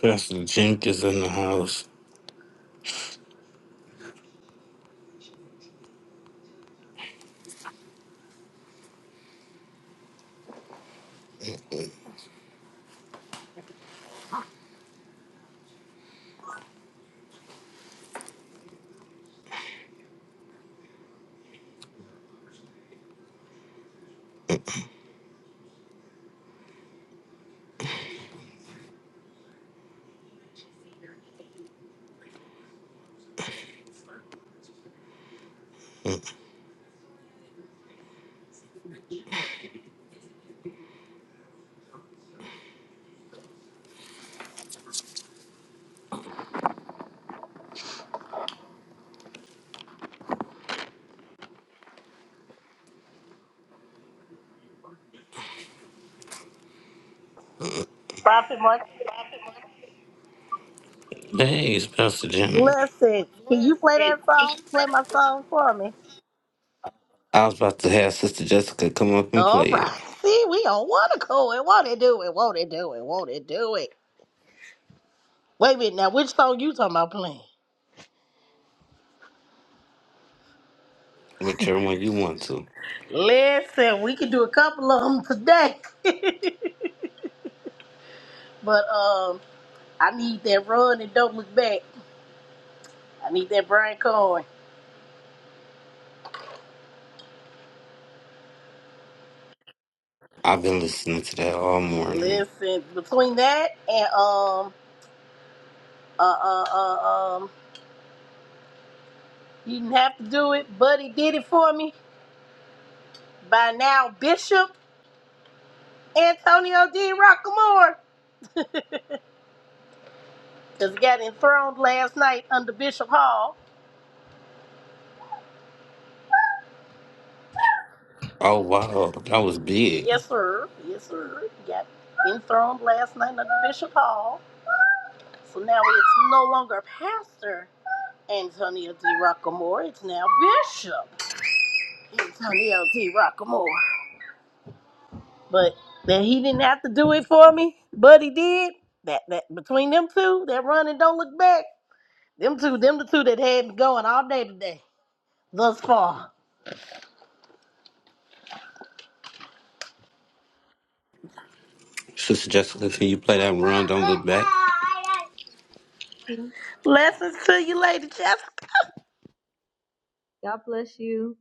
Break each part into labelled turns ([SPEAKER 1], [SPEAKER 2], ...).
[SPEAKER 1] Pastor Jink is in the house.
[SPEAKER 2] Prophet Martin.
[SPEAKER 1] Hey, it's Pastor Jink.
[SPEAKER 2] Listen, can you play that song? Play my song for me.
[SPEAKER 1] I was about to have Sister Jessica come up and
[SPEAKER 2] All
[SPEAKER 1] play it,
[SPEAKER 2] right. See, we on one accord. Won't it do it? Wanna do it? Wanna do it? Wait a minute. Now, which song you talking about playing?
[SPEAKER 1] whichever one you want to.
[SPEAKER 2] Listen, we can do a couple of them today. but um, I need that run and don't look back. I need that Brian Cohen.
[SPEAKER 1] I've been listening to that all morning.
[SPEAKER 2] Listen, between that and um, uh, uh, uh, um, he didn't have to do it, but he did it for me. By now, Bishop. Antonio D. Rockamore just got enthroned last night under Bishop Hall.
[SPEAKER 1] Oh, wow. That was big.
[SPEAKER 2] Yes, sir. Yes, sir. Got enthroned last night under Bishop Hall. So now it's no longer Pastor Antonio D. Rockamore. It's now Bishop Antonio D. Rockamore. But that he didn't have to do it for me, but he did. That that between them two, that run and don't look back. Them two, them the two that had me going all day today, thus far.
[SPEAKER 1] Sister Jessica, can you play that Run Don't Look Back?
[SPEAKER 3] God
[SPEAKER 2] Blessings to you, Lady Jessica.
[SPEAKER 3] bless you.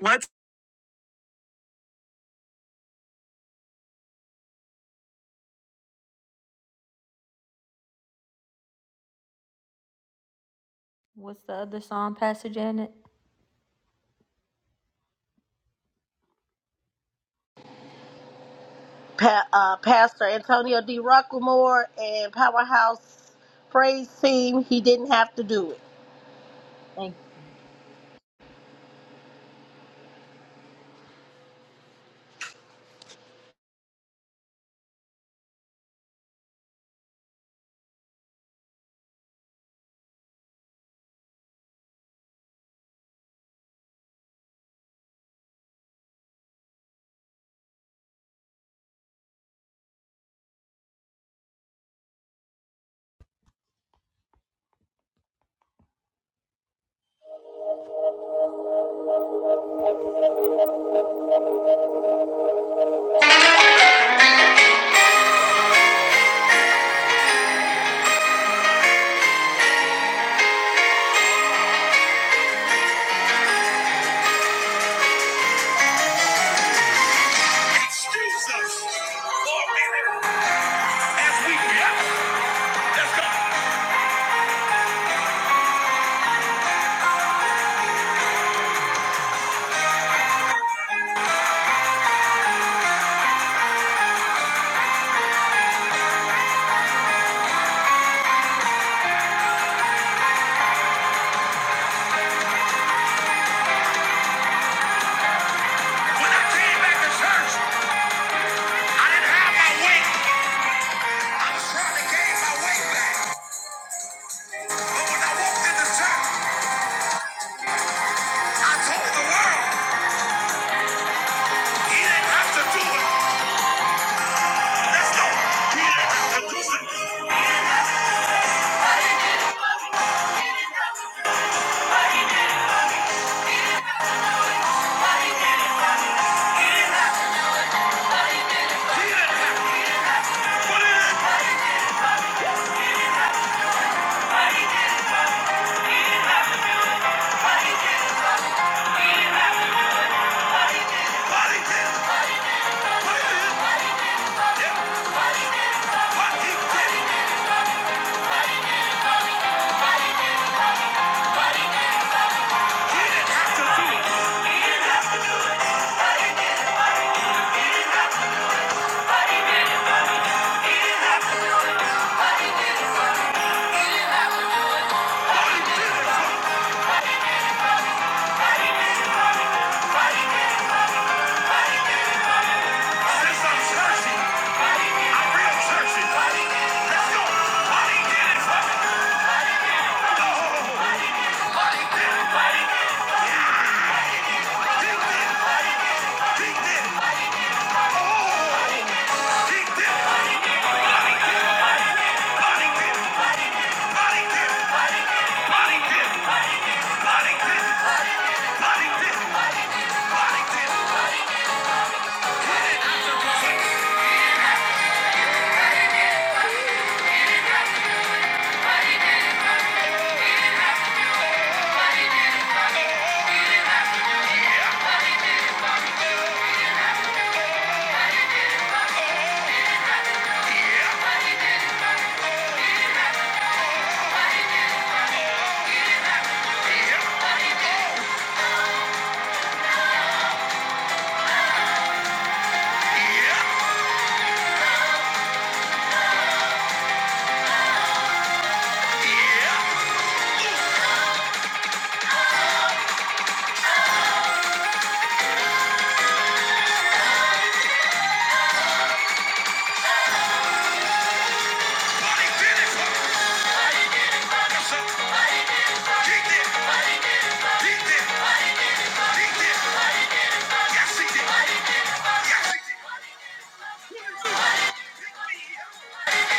[SPEAKER 3] What's What's the other song, Pastor Janet?
[SPEAKER 2] Pa- uh, Pastor Antonio D. Rucklemore and Powerhouse Praise Team, he didn't have to do it.
[SPEAKER 3] Thank Jesus for a minute. As we left, when I came back to church, I didn't have my weight. I was trying to gain my weight back. But when I walked into church, I told the world, he didn't have to do it. Let's go. He didn't have to do it. He didn't have to put it in. But he did. Put it in. Yeah. But he did. He didn't have to do it. He didn't have to do it. But he did. He didn't have to do it. This ain't churchy. I'm real churchy. Let's go. Bonnie did it. He did it. He did it. Bonnie did it. Bonnie did it. Bonnie did it. Yes, He did it. He did it. He did it. Yes, he did Yes, he did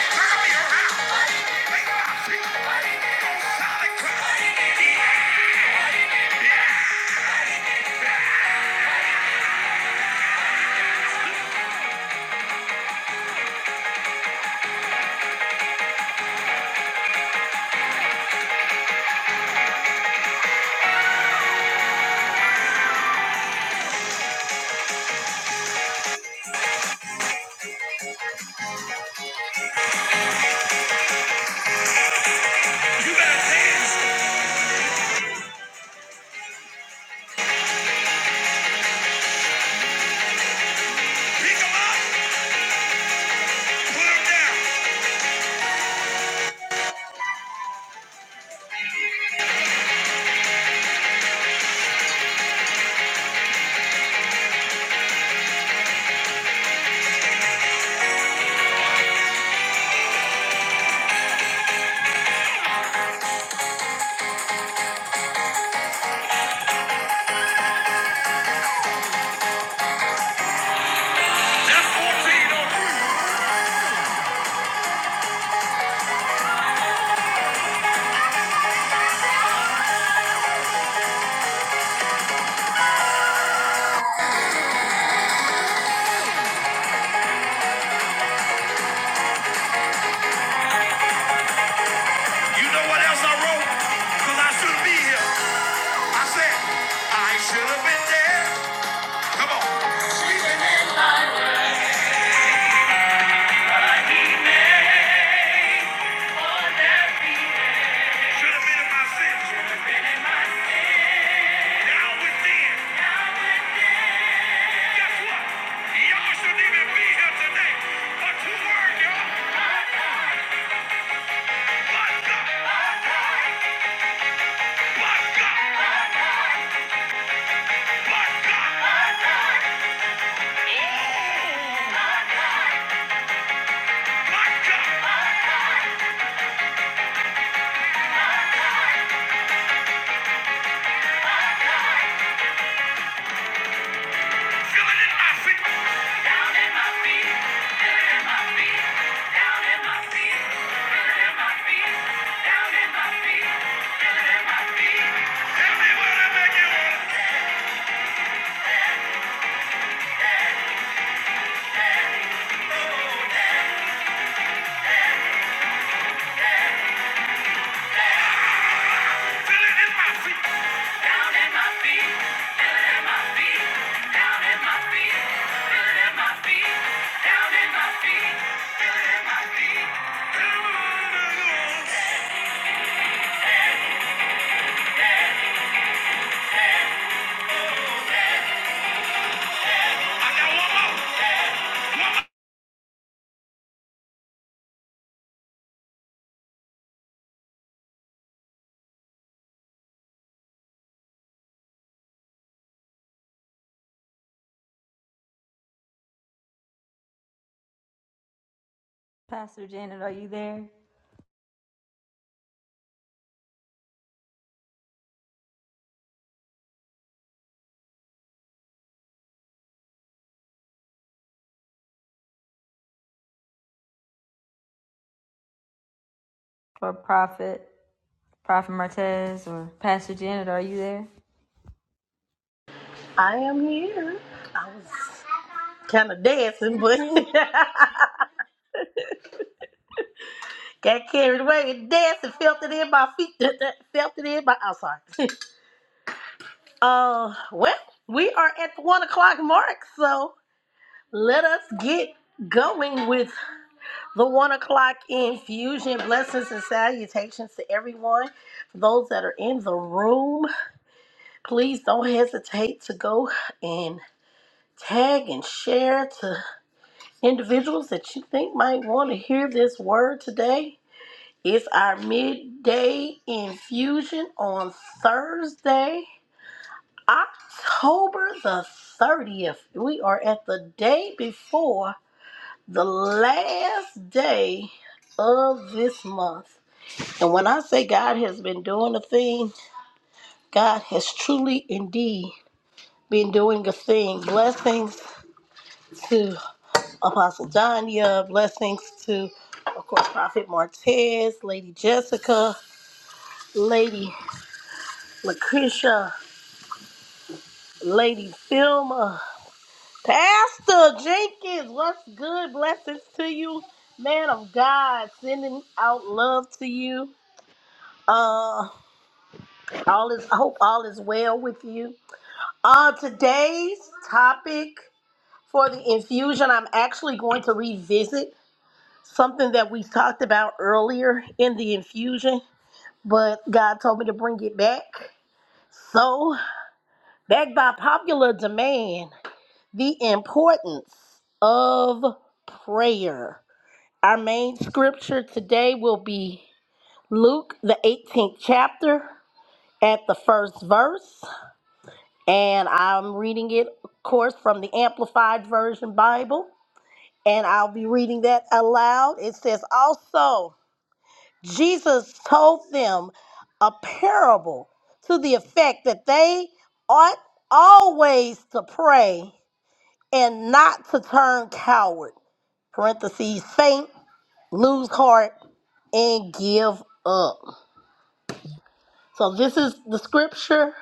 [SPEAKER 3] Turn me around. Make my feet on solid ground. You got hands. Pick 'em up. Put 'em down. That's 14 on me. You know what else I wrote? Because I should be here. I said, I should have been there. Come on. Living in my world. Should have been in my sins. Now within. Guess what? Y'all shouldn't even be here today. But two words, y'all. But God. But God. But God. Oh, but God. Pastor Janet, are you there? Or prophet? Prophet Martez or Pastor Janet, are you there?
[SPEAKER 2] I am here. I was kind of dancing, but got carried away and dancing, felt it in my feet, felt it in my, I'm sorry. Uh, well, we are at the one o'clock mark, so let us get going with The one o'clock infusion. Blessings and salutations to everyone. For those that are in the room, please don't hesitate to go and tag and share to individuals that you think might want to hear this word today. It's our midday infusion on Thursday, October the 30th. We are at the day before the last day of this month. And when I say God has been doing a thing, God has truly indeed been doing a thing. Blessings to Apostle Danya, blessings to, of course, Prophet Martez, Lady Jessica, Lady Lucretia, Lady Filma, Pastor Jenkins, what's good? Blessings to you, man of God, sending out love to you. Uh, all is, I hope all is well with you Uh, today's topic for the infusion, I'm actually going to revisit something that we talked about earlier in the infusion, but God told me to bring it back. So, back by popular demand, the importance of prayer. Our main scripture today will be Luke, the 18th chapter, at the first verse. and I'm reading it, of course, from the Amplified Version Bible, and I'll be reading that aloud. It says, Also, Jesus told them a parable to the effect that they ought always to pray and not to turn coward, parentheses, faint, lose heart, and give up. So, this is the scripture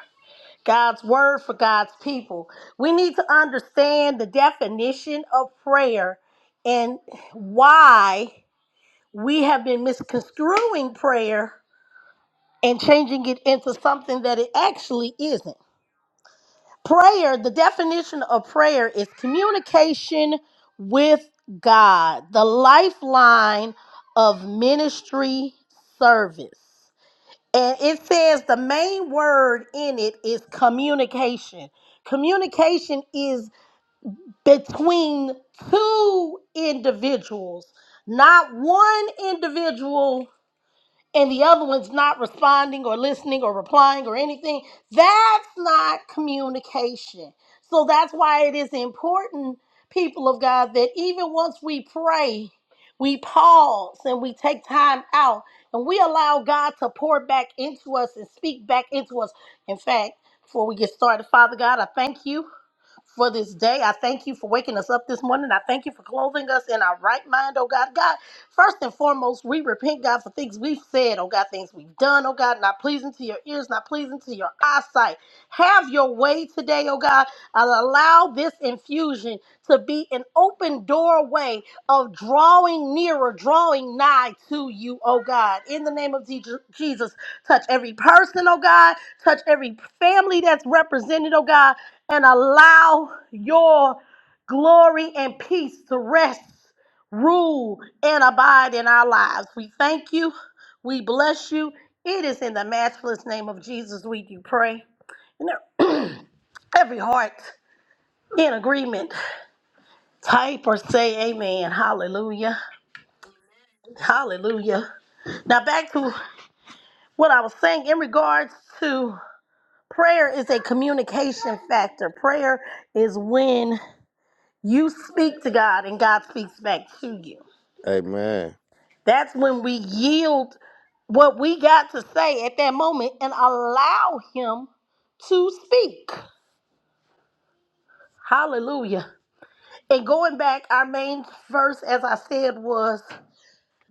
[SPEAKER 2] God's word for God's people. We need to understand the definition of prayer and why we have been misconstruing prayer and changing it into something that it actually isn't. Prayer, the definition of prayer is communication with God, the lifeline of ministry service. And it says the main word in it is communication. Communication is between two individuals, not one individual and the other one's not responding or listening or replying or anything, that's not communication. So that's why it is important, people of God, that even once we pray, we pause and we take time out and we allow God to pour back into us and speak back into us. In fact, before we get started, Father God, I thank you for this day. I thank you for waking us up this morning. I thank you for clothing us in our right mind, oh God. God, first and foremost, we repent, God, for things we've said, oh God, things we've done, oh God, not pleasing to your ears, not pleasing to your eyesight. Have your way today, oh God. I'll allow this infusion to be an open doorway of drawing nearer, drawing nigh to you, oh God. In the name of Je- Jesus, touch every person, oh God. Touch every family that's represented, oh God and allow your glory and peace to rest, rule, and abide in our lives. We thank you. We bless you. It is in the matchless name of Jesus we do pray. And every heart in agreement, type or say amen. Hallelujah. Hallelujah. Now back to what I was saying in regards to prayer is a communication factor. Prayer is when You speak to God and God speaks back to you.
[SPEAKER 4] Amen.
[SPEAKER 2] That's when we yield what we got to say at that moment and allow Him to speak. Hallelujah. And going back, our main verse, as I said, was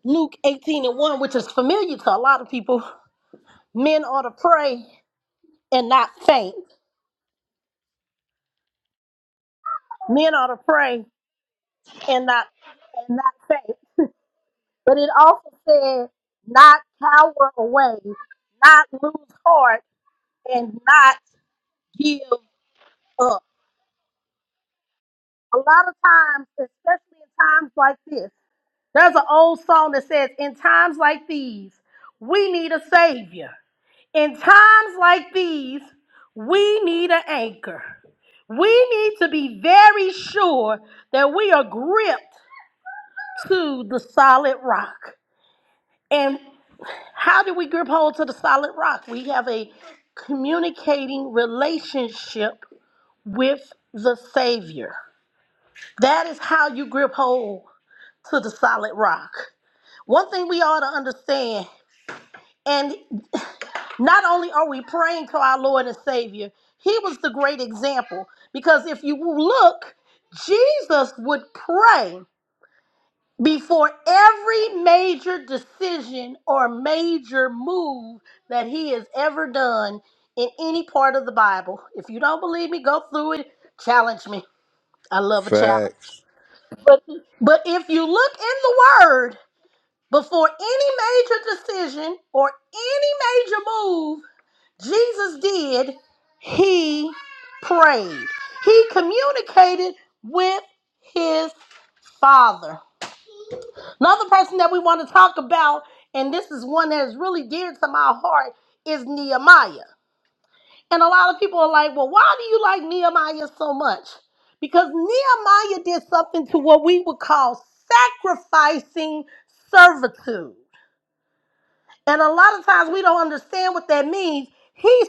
[SPEAKER 2] Luke 18 and 1, which is familiar to a lot of people. Men ought to pray and not faint. Men ought to pray and not and not faint. But it also said, not cower away, not lose heart, and not give up. A lot of times, especially in times like this, there's an old song that says, In times like these, we need a savior. In times like these, we need an anchor. We need to be very sure that we are gripped to the solid rock. And how do we grip hold to the solid rock? We have a communicating relationship with the Savior. That is how you grip hold to the solid rock. One thing we ought to understand, and not only are we praying to our Lord and Savior, He was the great example. Because if you look, Jesus would pray before every major decision or major move that He has ever done in any part of the Bible. If you don't believe me, go through it, challenge me. I love a challenge.
[SPEAKER 4] Facts.
[SPEAKER 2] But, but if you look in the word before any major decision or any major move Jesus did, he prayed. He communicated with his father. Another person that we want to talk about, and this is one that is really dear to my heart, is Nehemiah. And a lot of people are like, well, why do you like Nehemiah so much? Because Nehemiah did something to what we would call sacrificing servitude. And a lot of times we don't understand what that means. He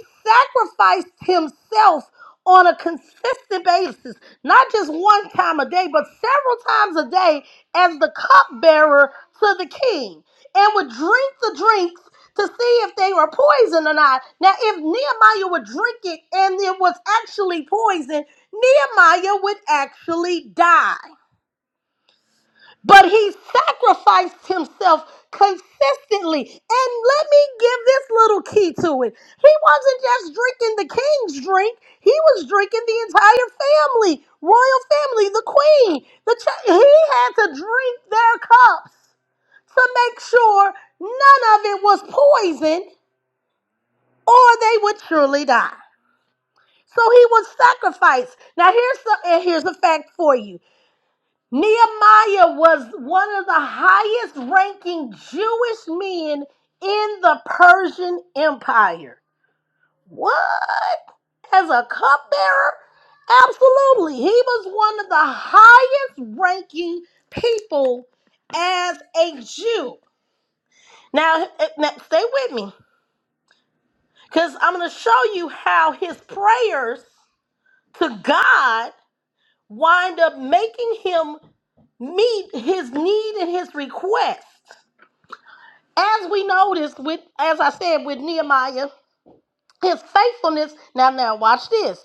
[SPEAKER 2] sacrificed himself on a consistent basis, not just one time a day, but several times a day as the cupbearer to the king and would drink the drinks to see if they were poison or not. Now, if Nehemiah would drink it and it was actually poison, Nehemiah would actually die. But he sacrificed himself consistently. And let me give this little key to it. He wasn't just drinking the king's drink, he was drinking the entire family, royal family, the queen. The ch- he had to drink their cups to make sure none of it was poison or they would surely die. So he would sacrifice. Now here's the, and here's a fact for you. Nehemiah was one of the highest ranking Jewish men in the Persian Empire. What? As a cupbearer? Absolutely. He was one of the highest ranking people as a Jew. Now, eh, now stay with me because I'm going to show you how his prayers to God wind up making him meet his need and his request. As we noticed with, as I said with Nehemiah, his faithfulness. Now, now, watch this.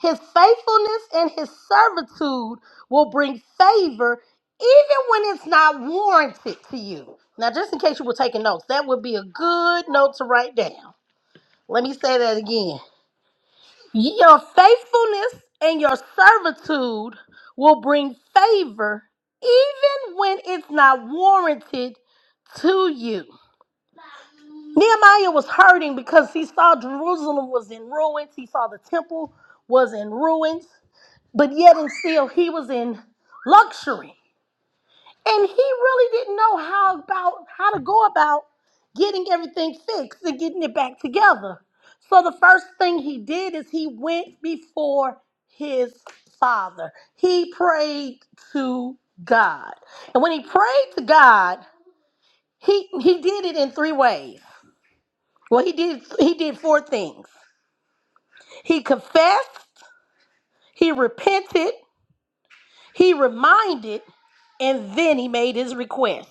[SPEAKER 2] His faithfulness and his servitude will bring favor, even when it's not warranted to you. Now, just in case you were taking notes, that would be a good note to write down. Let me say that again. Your faithfulness and your servitude will bring favor, even when it's not warranted to you. Nehemiah was hurting because he saw Jerusalem was in ruins. He saw the temple was in ruins, but yet and still he was in luxury. And he really didn't know how about how to go about getting everything fixed and getting it back together. So the first thing he did is he went before his father. He prayed to God. And when he prayed to God, he he did it in three ways. Well, he did he did four things. He confessed, he repented, he reminded, and then he made his request.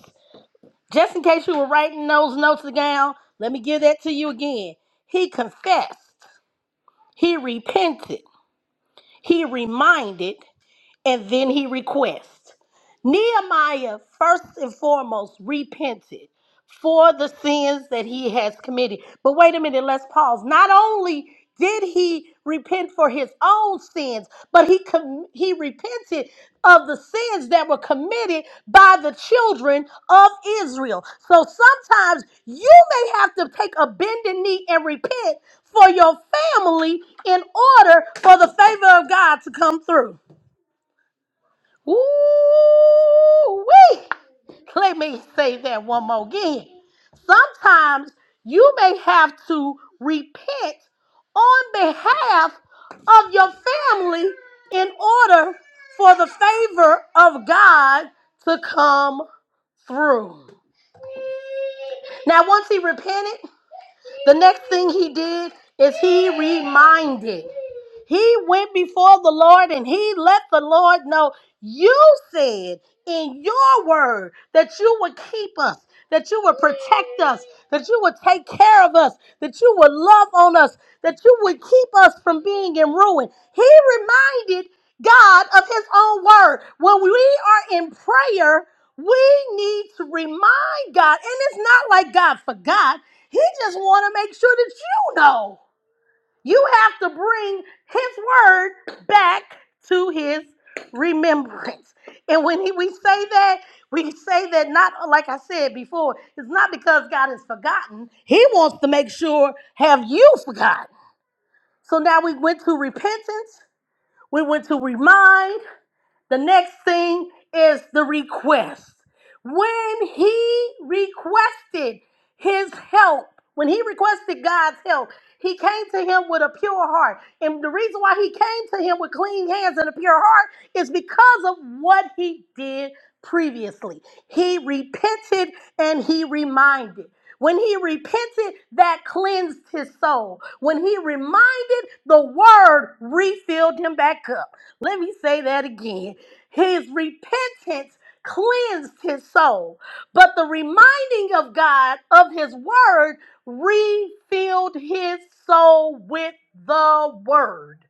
[SPEAKER 2] Just in case you were writing those notes down, let me give that to you again. He confessed, he repented, he reminded, and then he requests. Nehemiah, first and foremost, repented for the sins that he has committed. But wait a minute, let's pause. Not only did he repent for his own sins, but he com- he repented of the sins that were committed by the children of Israel. So sometimes you may have to take a bended knee and repent for your family in order for the favor of God to come through. Ooh, wee. Let me say that one more again. Sometimes you may have to repent on behalf of your family in order for the favor of God to come through. Now, once he repented, the next thing he did is he reminded. He went before the Lord and he let the Lord know, You said in your word that you would keep us, that you would protect us, that you would take care of us, that you would love on us, that you would keep us from being in ruin. He reminded God of his own word. When we are in prayer, we need to remind God, and it's not like God forgot. He just want to make sure that you know. You have to bring his word back to his remembrance. And when he, we say that, we say that not like I said before, it's not because God has forgotten. He wants to make sure have you forgotten. So now we went to repentance, we went to remind, the next thing is the request. When he requested his help, when he requested God's help, he came to him with a pure heart. And the reason why he came to him with clean hands and a pure heart is because of what he did previously. He repented and he reminded. When he repented, that cleansed his soul. When he reminded, the word refilled him back up. Let me say that again. His repentance cleansed his soul, but the reminding of God of his word refilled his soul with the word.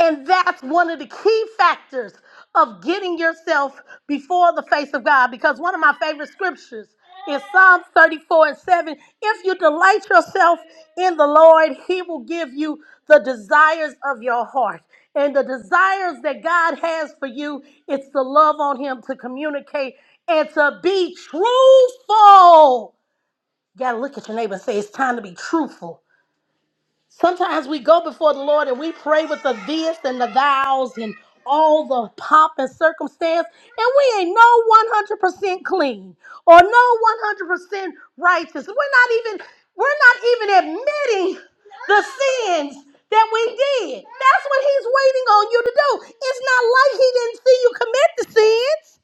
[SPEAKER 2] And that's one of the key factors of getting yourself before the face of God. Because one of my favorite scriptures is Psalms 34 and 7. If you delight yourself in the Lord, He will give you the desires of your heart. And the desires that God has for you, it's to love on Him, to communicate, and to be truthful. You gotta look at your neighbor and say, It's time to be truthful Sometimes we go before the Lord and we pray with the this and the thous and all the pomp and circumstance, and we ain't no 100% clean or no 100% righteous. We're not even we're not even admitting the sins that we did. That's what he's waiting on you to do. It's not like he didn't see you commit the sins.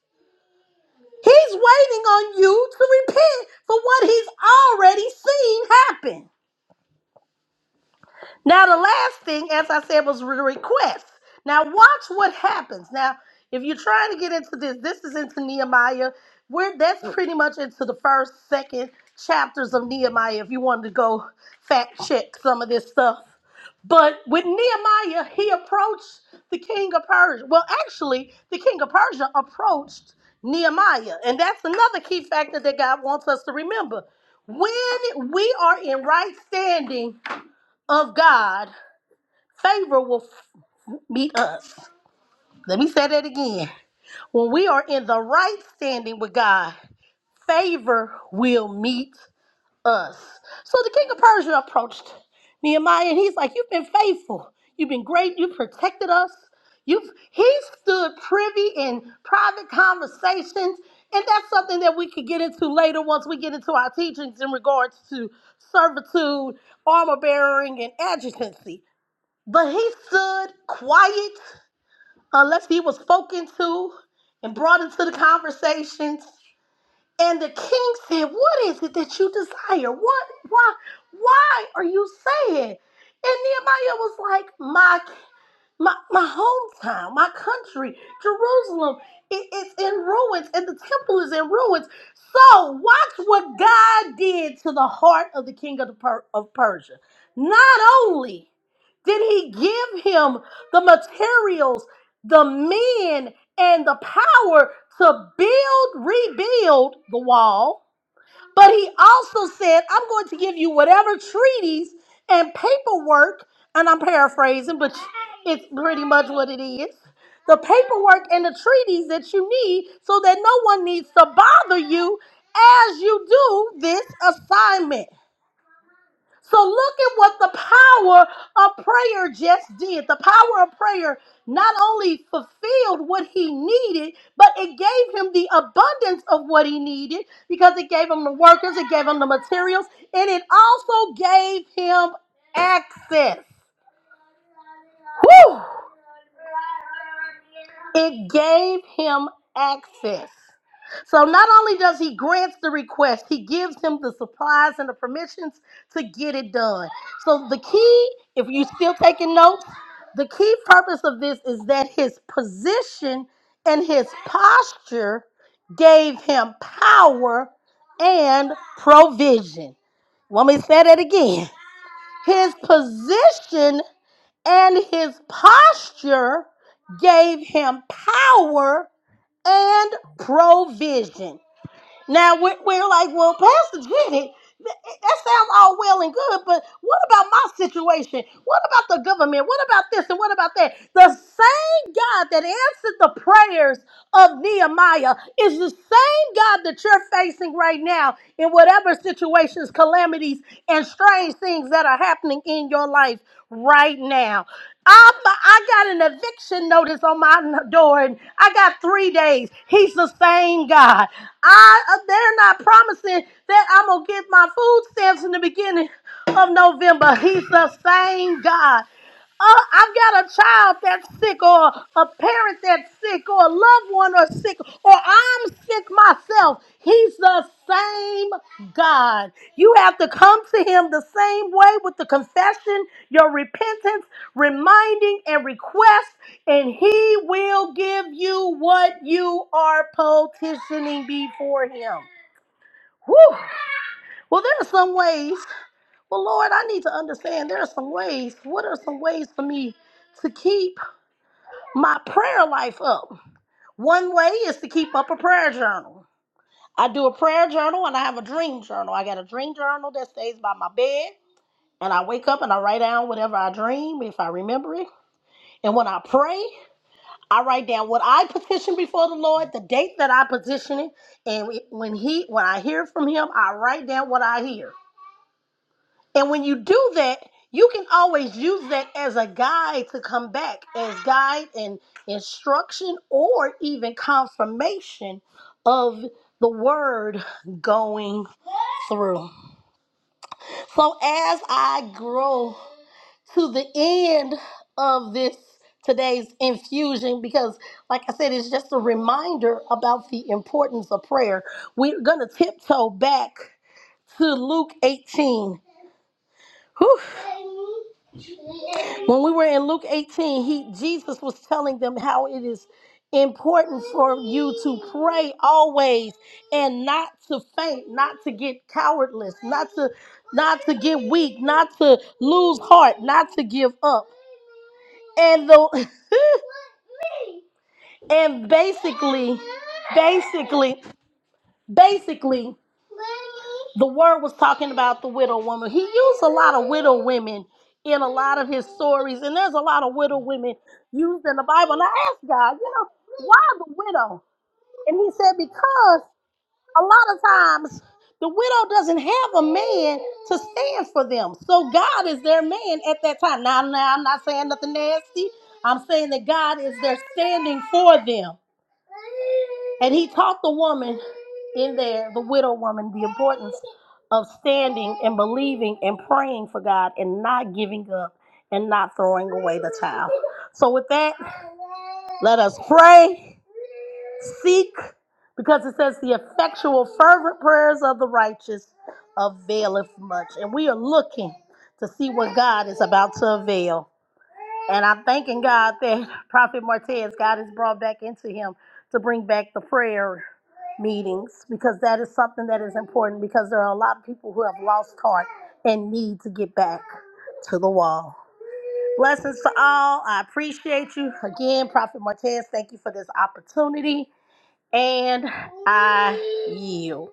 [SPEAKER 2] He's waiting on you to repent for what he's already seen happen. Now, the last thing, as I said, was re- requests. Now, watch what happens. Now, if you're trying to get into this, this is into Nehemiah. We're that's pretty much into the first, second chapters of Nehemiah. If you wanted to go fact check some of this stuff, but with Nehemiah, he approached the king of Persia. Well, actually, the king of Persia approached Nehemiah, and that's another key factor that God wants us to remember. When we are in right standing of God, Favor will f- meet us. Let me say that again. When we are in the right standing with God, favor will meet us. So the king of Persia approached Nehemiah and he's like, You've been faithful. You've been great. You've protected us. You've he stood privy in private conversations. And that's something that we could get into later once we get into our teachings in regards to servitude, armor bearing, and adjutancy. But he stood quiet unless he was spoken to and brought into the conversation. And the king said, What is it that you desire? What why why are you saying? And Nehemiah was like, My my, my hometown, my country, Jerusalem, it, it's in ruins and the temple is in ruins. So watch what God did to the heart of the king of, the per- of Persia. Not only did he give him the materials, the men, and the power to build, rebuild the wall, but he also said, I'm going to give you whatever treaties and paperwork, and I'm paraphrasing, but it's pretty much what it is. The paperwork and the treaties that you need so that no one needs to bother you as you do this assignment. So look at what the power of prayer just did. The power of prayer not only fulfilled what he needed, but it gave him the abundance of what he needed because it gave him the workers, it gave him the materials, and it also gave him access. Whew! It gave him access. So not only does he grant the request, he gives him the supplies and the permissions to get it done. So the key, if you're still taking notes, the key purpose of this is that his position and his posture gave him power and provision. Want me to say that again? His position and his posture gave him power and provision. Now we- we're like, well, Pastor Jenny, th- that sounds all well and good, but what about my situation? What about the government? What about this and what about that? The same God that answered the prayers of Nehemiah is the same God that you're facing right now in whatever situations, calamities, and strange things that are happening in your life right now. I'm, I got an eviction notice on my n- door, and I got three days. He's the same God. I uh, they're not promising that I'm gonna get my food stamps in the beginning of November. He's the same God. Uh, I've got a child that's sick, or a parent that's sick, or a loved one or sick, or I'm sick myself. He's the same God. You have to come to Him the same way with the confession, your repentance, reminding and request, and he will give you what you are petitioning before him. Whew. Well, there are some ways. Well, Lord, I need to understand there are some ways. What are some ways for me to keep my prayer life up? One way is to keep up a prayer journal. I do a prayer journal and I have a dream journal. I got a dream journal that stays by my bed, and I wake up and I write down whatever I dream if I remember it. And when I pray, I write down what I petition before the Lord, the date that I petition it, and when he when I hear from him, I write down what I hear. And when you do that, you can always use that as a guide to come back, as guide and instruction or even confirmation of the word going through. So as I grow to the end of this today's infusion because like i said it's just a reminder about the importance of prayer we're going to tiptoe back to luke 18 Whew. when we were in luke 18 he jesus was telling them how it is important for you to pray always and not to faint not to get cowardless not to not to get weak not to lose heart not to give up and the and basically basically basically the word was talking about the widow woman he used a lot of widow women in a lot of his stories and there's a lot of widow women used in the bible and i asked god you know why the widow and he said because a lot of times the widow doesn't have a man to stand for them. So God is their man at that time. Now, now I'm not saying nothing nasty. I'm saying that God is there standing for them. And he taught the woman in there, the widow woman, the importance of standing and believing and praying for God and not giving up and not throwing away the child. So with that, let us pray. Seek, because it says the effectual, fervent prayers of the righteous availeth much. And we are looking to see what God is about to avail. And I'm thanking God that Prophet Martez, God has brought back into him to bring back the prayer meetings because that is something that is important because there are a lot of people who have lost heart and need to get back to the wall. Blessings to all. I appreciate you. Again, Prophet Martez, thank you for this opportunity. And I yield.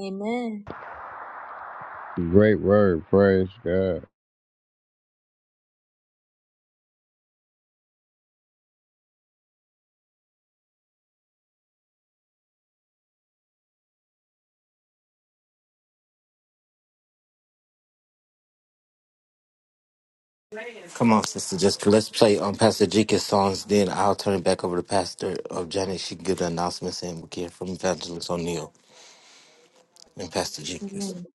[SPEAKER 3] Amen.
[SPEAKER 4] Great word. Praise God.
[SPEAKER 1] Come on, Sister Jessica. Let's play on Pastor Jenkins' songs. Then I'll turn it back over to Pastor of Janet. She can give the announcements and we'll hear from Evangelist O'Neill and Pastor Jenkins.
[SPEAKER 3] Amen.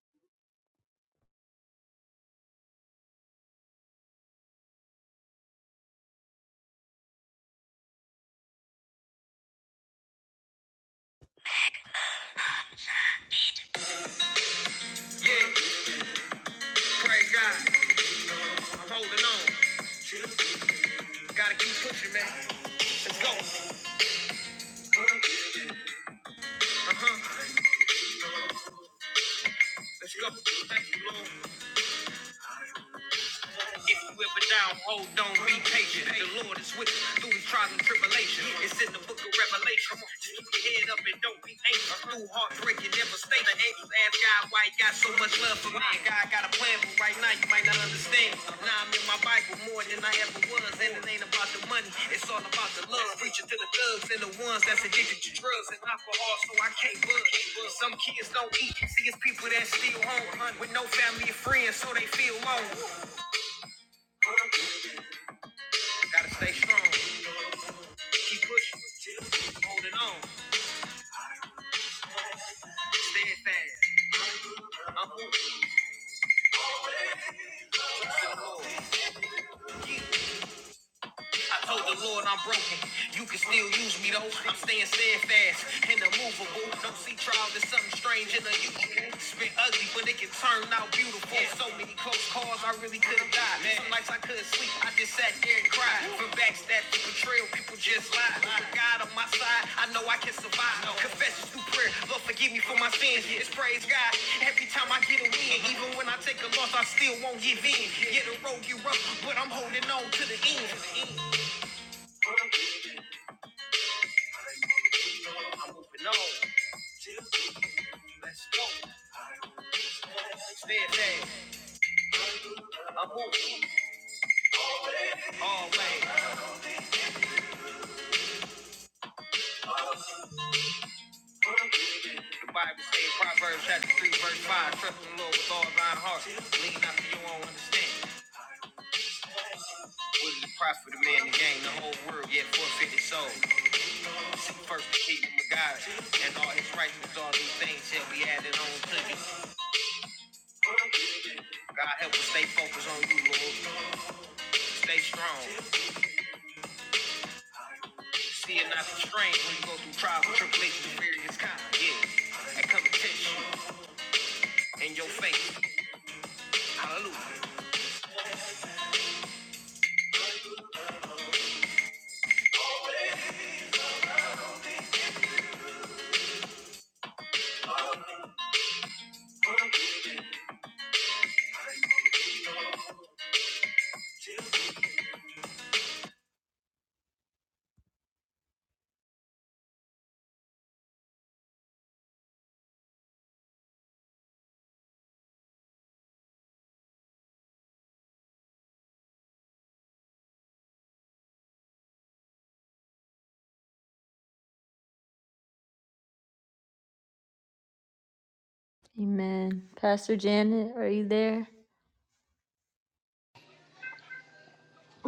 [SPEAKER 3] Amen. Pastor Janet, are you there?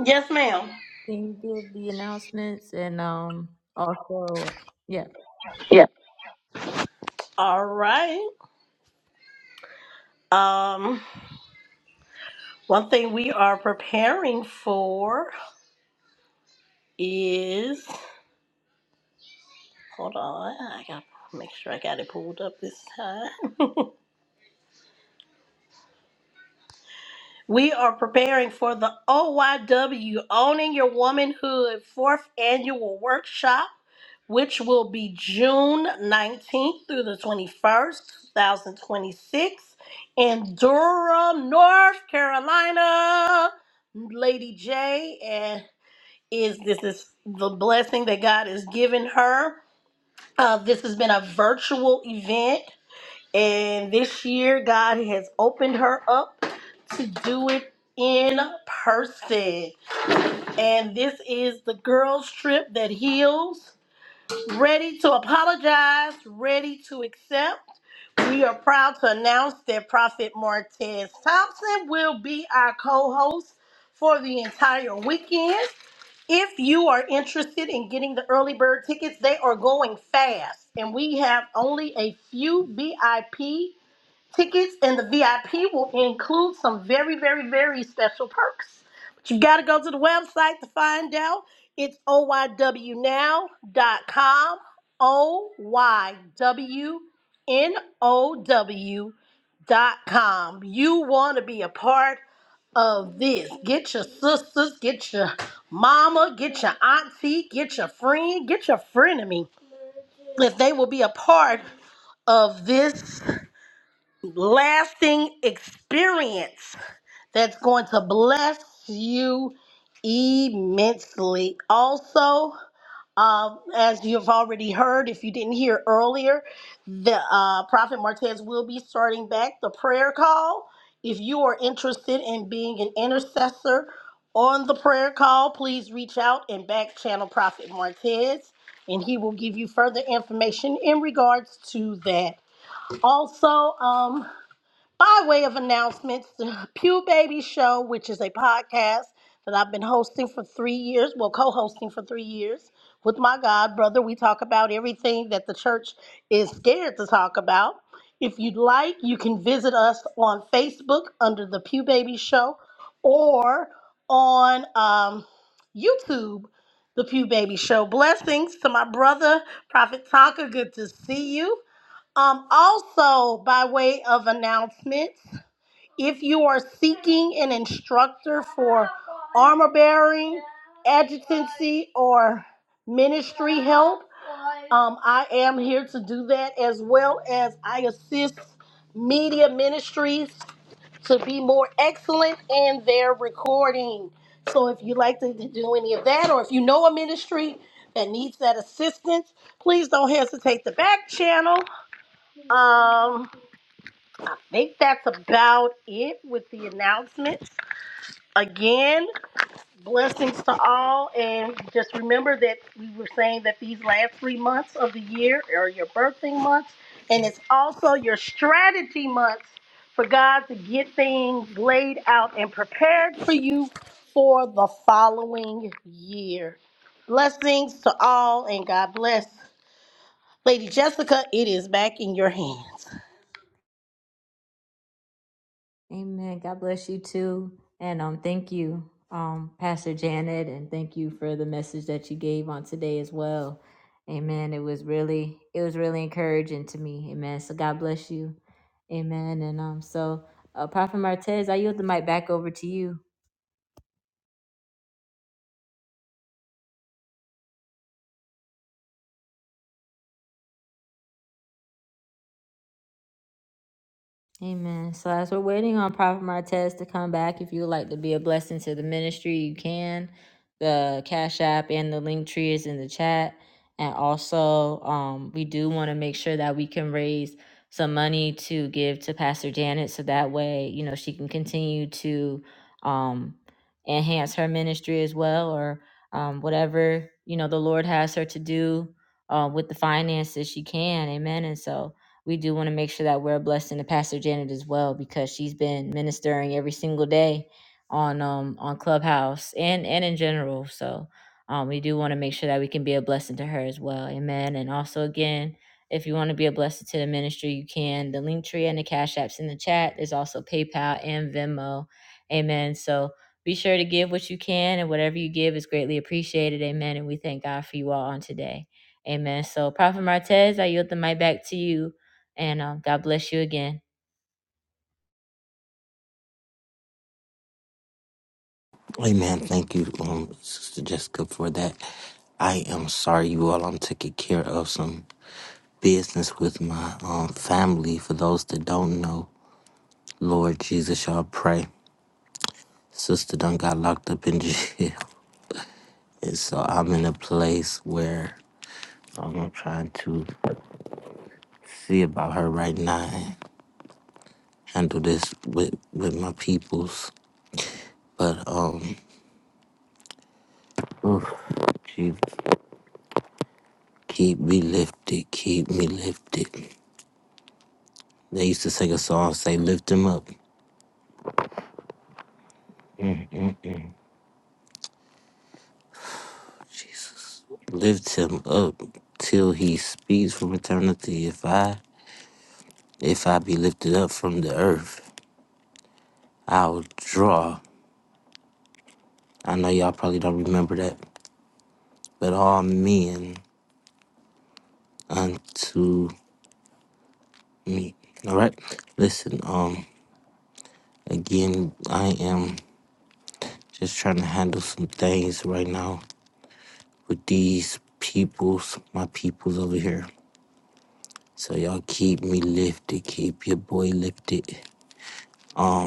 [SPEAKER 2] Yes, ma'am.
[SPEAKER 3] Can you give the announcements and um also yeah.
[SPEAKER 2] Yeah. All right. Um, one thing we are preparing for is hold on, I gotta make sure I got it pulled up this time. We are preparing for the OYW Owning Your Womanhood fourth annual workshop. which will be June 19th through the 21st, 2026, in Durham, North Carolina. Lady J and is this is the blessing that God has given her. Uh, this has been a virtual event, and this year God has opened her up to do it in person. And this is the girls' trip that heals ready to apologize, ready to accept. We are proud to announce that Prophet Martez Thompson will be our co host for the entire weekend. If you are interested in getting the early bird tickets, they are going fast, and we have only a few VIP Tickets and the VIP will include some very, very, very special perks. But you got to go to the website to find out. It's O Y W now dot com. O Y W N O W dot com. You want to be a part of this. Get your sisters, get your mama, get your auntie, get your friend, get your frenemy. If they will be a part of this lasting experience that's going to bless you immensely. Also, um, as you've already heard, if you didn't hear earlier, the uh, Prophet Martez will be starting back the prayer call. If you are interested in being an intercessor on the prayer call, please reach out and back channel Prophet Martez, and he will give you further information in regards to that. Also, um, by way of announcements, the Pew Baby Show, which is a podcast that I've been hosting for three years, well, co hosting for three years with my God brother, we talk about everything that the church is scared to talk about. If you'd like, you can visit us on Facebook under the Pew Baby Show or on um, YouTube, the Pew Baby Show. Blessings to my brother, Prophet Tonka. Good to see you. Um, also, by way of announcements, if you are seeking an instructor for armor bearing, adjutancy, or ministry help, um, I am here to do that as well as I assist media ministries to be more excellent in their recording. So, if you'd like to do any of that, or if you know a ministry that needs that assistance, please don't hesitate to back channel um, I think that's about it with the announcements. Again, blessings to all, and just remember that we were saying that these last three months of the year are your birthing months, and it's also your strategy months for God to get things laid out and prepared for you for the following year. Blessings to all, and God bless. Lady Jessica, it is back in your hands.
[SPEAKER 3] Amen. God bless you too. And um thank you, um, Pastor Janet, and thank you for the message that you gave on today as well. Amen. It was really it was really encouraging to me. Amen. So God bless you. Amen. And um so uh, Prophet Martez, I yield the mic back over to you. Amen. So as we're waiting on Prophet Martez to come back, if you would like to be a blessing to the ministry, you can. The Cash App and the link tree is in the chat. And also, um, we do want to make sure that we can raise some money to give to Pastor Janet so that way, you know, she can continue to um enhance her ministry as well or um whatever, you know, the Lord has her to do uh with the finances she can. Amen. And so we do want to make sure that we're a blessing to Pastor Janet as well because she's been ministering every single day on um on Clubhouse and and in general. So um we do want to make sure that we can be a blessing to her as well. Amen. And also again, if you want to be a blessing to the ministry, you can. The link tree and the cash apps in the chat. There's also PayPal and Venmo. Amen. So be sure to give what you can and whatever you give is greatly appreciated. Amen. And we thank God for you all on today. Amen. So Prophet Martez, I yield the mic back to you and um, God bless you again.
[SPEAKER 1] Amen. Thank you, um, Sister Jessica, for that. I am sorry, you all. I'm taking care of some business with my um, family. For those that don't know, Lord Jesus, y'all pray. Sister done got locked up in jail. And so I'm in a place where I'm trying to see about her right now and handle this with, with my peoples. But, um, oof, Jesus, keep me lifted, keep me lifted. They used to sing a song, say, lift him up. Mm-mm-mm. Jesus. Lift him up till he speaks from eternity. If I if I be lifted up from the earth, I'll draw. I know y'all probably don't remember that, but all men unto me. All right. Listen. Um. Again, I am just trying to handle some things right now with these peoples, my peoples over here. So y'all keep me lifted. Keep your boy lifted. Um,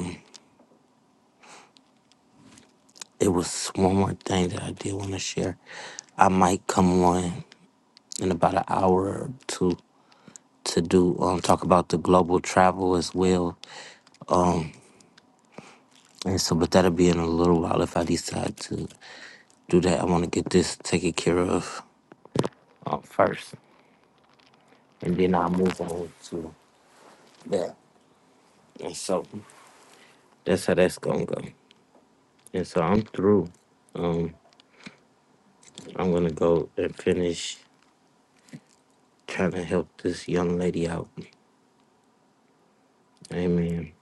[SPEAKER 1] It was one more thing that I did want to share. I might come on in about an hour or two to do um talk about the global travel as well. Um and so but that'll be in a little while if I decide to do that. I wanna get this taken care of um, first. And then I'll move on to that. And so that's how that's gonna go. And so I'm through. Um I'm gonna go and finish trying to help this young lady out. Amen.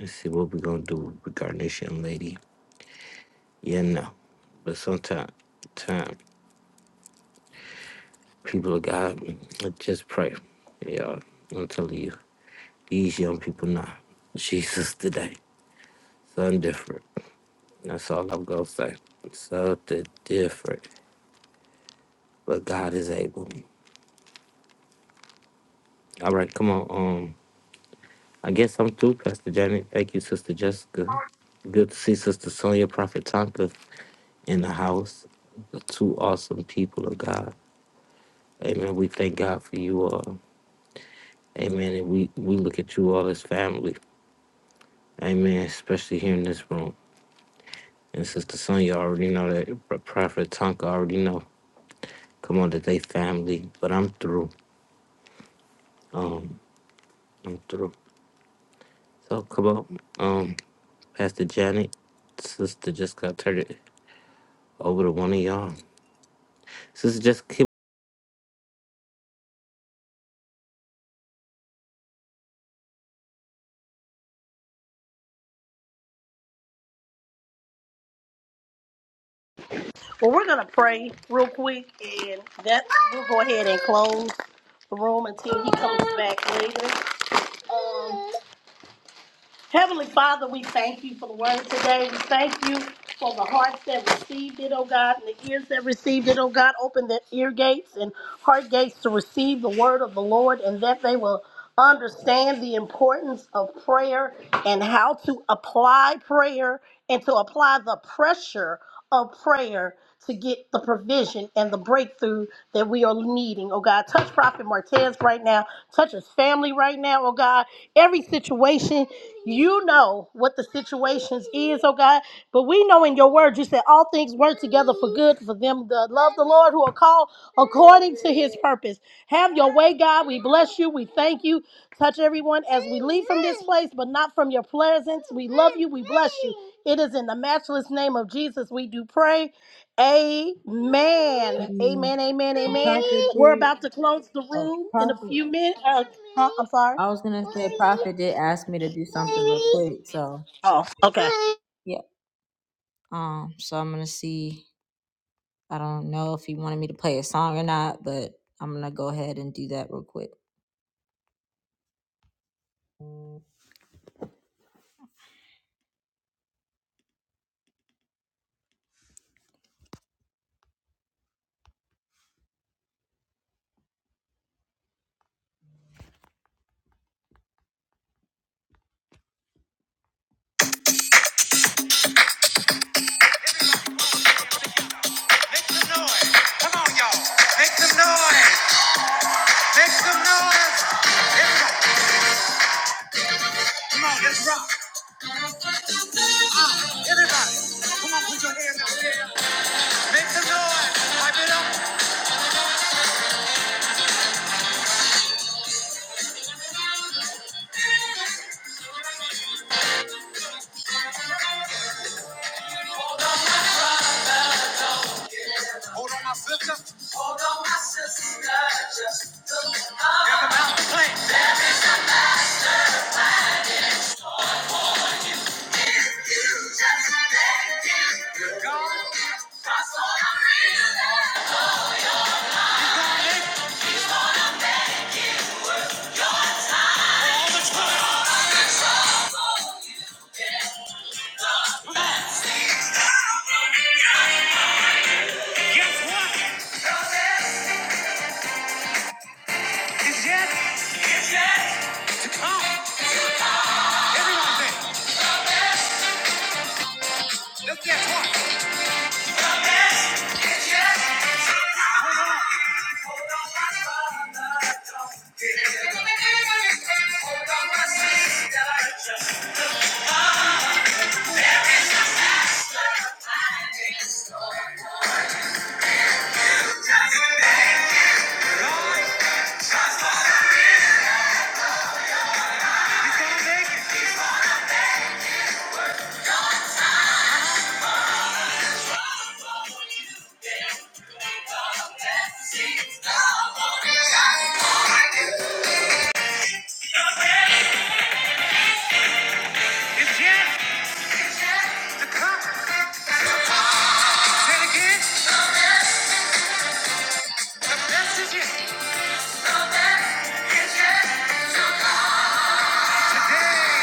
[SPEAKER 1] Let's see what we're gonna do regarding this young lady. Yeah, no. But sometimes time, people of God I just pray. Yeah, I'm telling you. These young people now. Jesus today. Something different. That's all I'm gonna say. Something different. But God is able. All right, come on. Um I guess I'm through, Pastor Janet. Thank you, Sister Jessica. Good to see Sister Sonia Prophet Tonka in the house. The two awesome people of God. Amen. We thank God for you all. Amen. And we, we look at you all as family. Amen. Especially here in this room. And Sister Sonya already know that Pro- Prophet Tonka already know. Come on today, family. But I'm through. Um, I'm through. So come on. Um, Pastor Janet, sister just got turned it over to one of y'all. Sister Jessica.
[SPEAKER 2] Well, we're going to pray real quick, and that we'll go ahead and close the room until he comes back later. Um, Heavenly Father, we thank you for the word today. We thank you for the hearts that received it, oh God, and the ears that received it, oh God. Open their ear gates and heart gates to receive the word of the Lord, and that they will understand the importance of prayer and how to apply prayer and to apply the pressure of prayer to get the provision and the breakthrough that we are needing. Oh God, touch Prophet Martez right now. Touch his family right now. Oh God, every situation, you know what the situations is. Oh God, but we know in your word you said all things work together for good for them that love the Lord who are called according to his purpose. Have your way, God. We bless you. We thank you. Touch everyone as we leave from this place, but not from your presence. We love you. We bless you. It is in the matchless name of Jesus we do pray. Amen.
[SPEAKER 3] Amen.
[SPEAKER 2] Amen. Amen.
[SPEAKER 3] Um,
[SPEAKER 2] Amen.
[SPEAKER 3] Prophet
[SPEAKER 2] We're
[SPEAKER 3] did,
[SPEAKER 2] about to close the
[SPEAKER 3] oh,
[SPEAKER 2] room in a
[SPEAKER 3] Prophet,
[SPEAKER 2] few minutes. Uh, huh? I'm sorry.
[SPEAKER 3] I was gonna say Prophet did ask me to do something real quick, so
[SPEAKER 2] Oh, okay.
[SPEAKER 3] yeah. Um, so I'm gonna see, I don't know if he wanted me to play a song or not, but I'm gonna go ahead and do that real quick. Make some noise. Come on, y'all. Make some noise. Make some noise. Everybody, come on, let's rock. Everybody, come on, put your hands out there. Make some noise. Pipe it up. Guess what? It's yet. Everyone say, let's guess what? It's gonna make it. It's yet It's to come. Say it again. The best is yet. Today.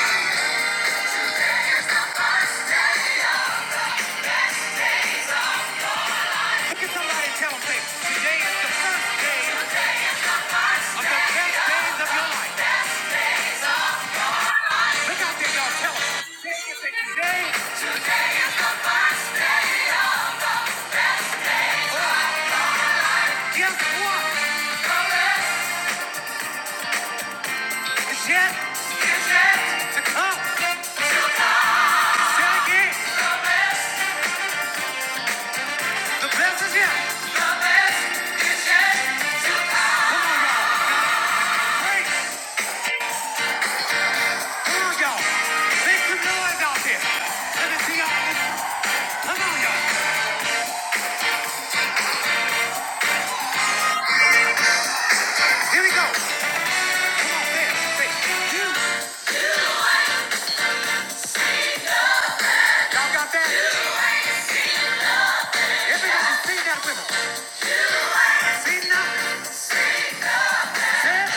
[SPEAKER 3] Look at somebody and tell them, today is the first day of the best days of your life. Look out there, y'all, tell them. Today, guess what? It's yet, it's yet to come. Say it again, the best is yet. Come on, y'all. Break. Come on, y'all. Make some noise out there. Let me see y'all. Come on, y'all. Here we go. Come on, say Say, you. Y'all got that? Everybody sing that with us. Sing that. Yeah.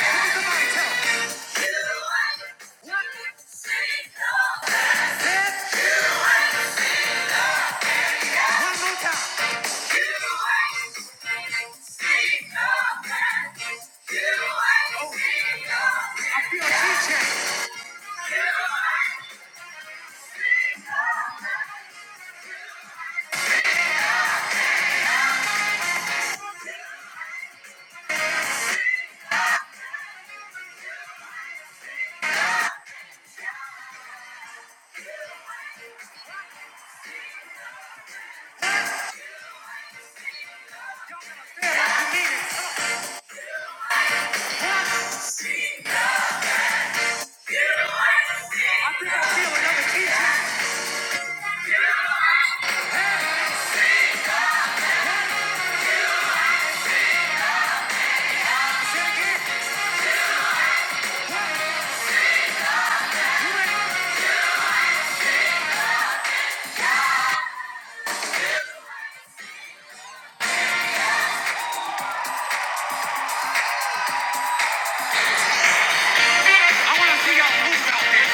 [SPEAKER 3] Look at somebody, tell 'em. I want to see y'all move out there.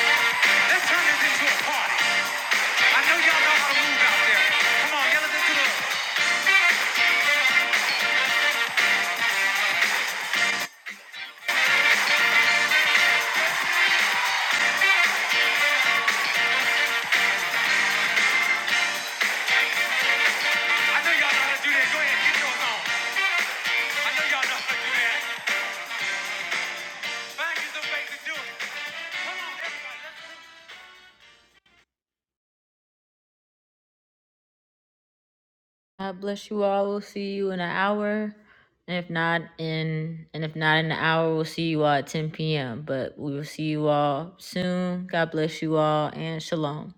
[SPEAKER 3] Let's turn this into a party. I know y'all know how to move out there. Come on, yell it the. I know y'all know how to do that. Go ahead, get yours on. I know y'all know how to do that. Find you some ways to do it. God bless you all. We'll see you in an hour. And if not in and if not in an hour, we'll see you all at 10 p.m. But we will see you all soon. God bless you all and shalom.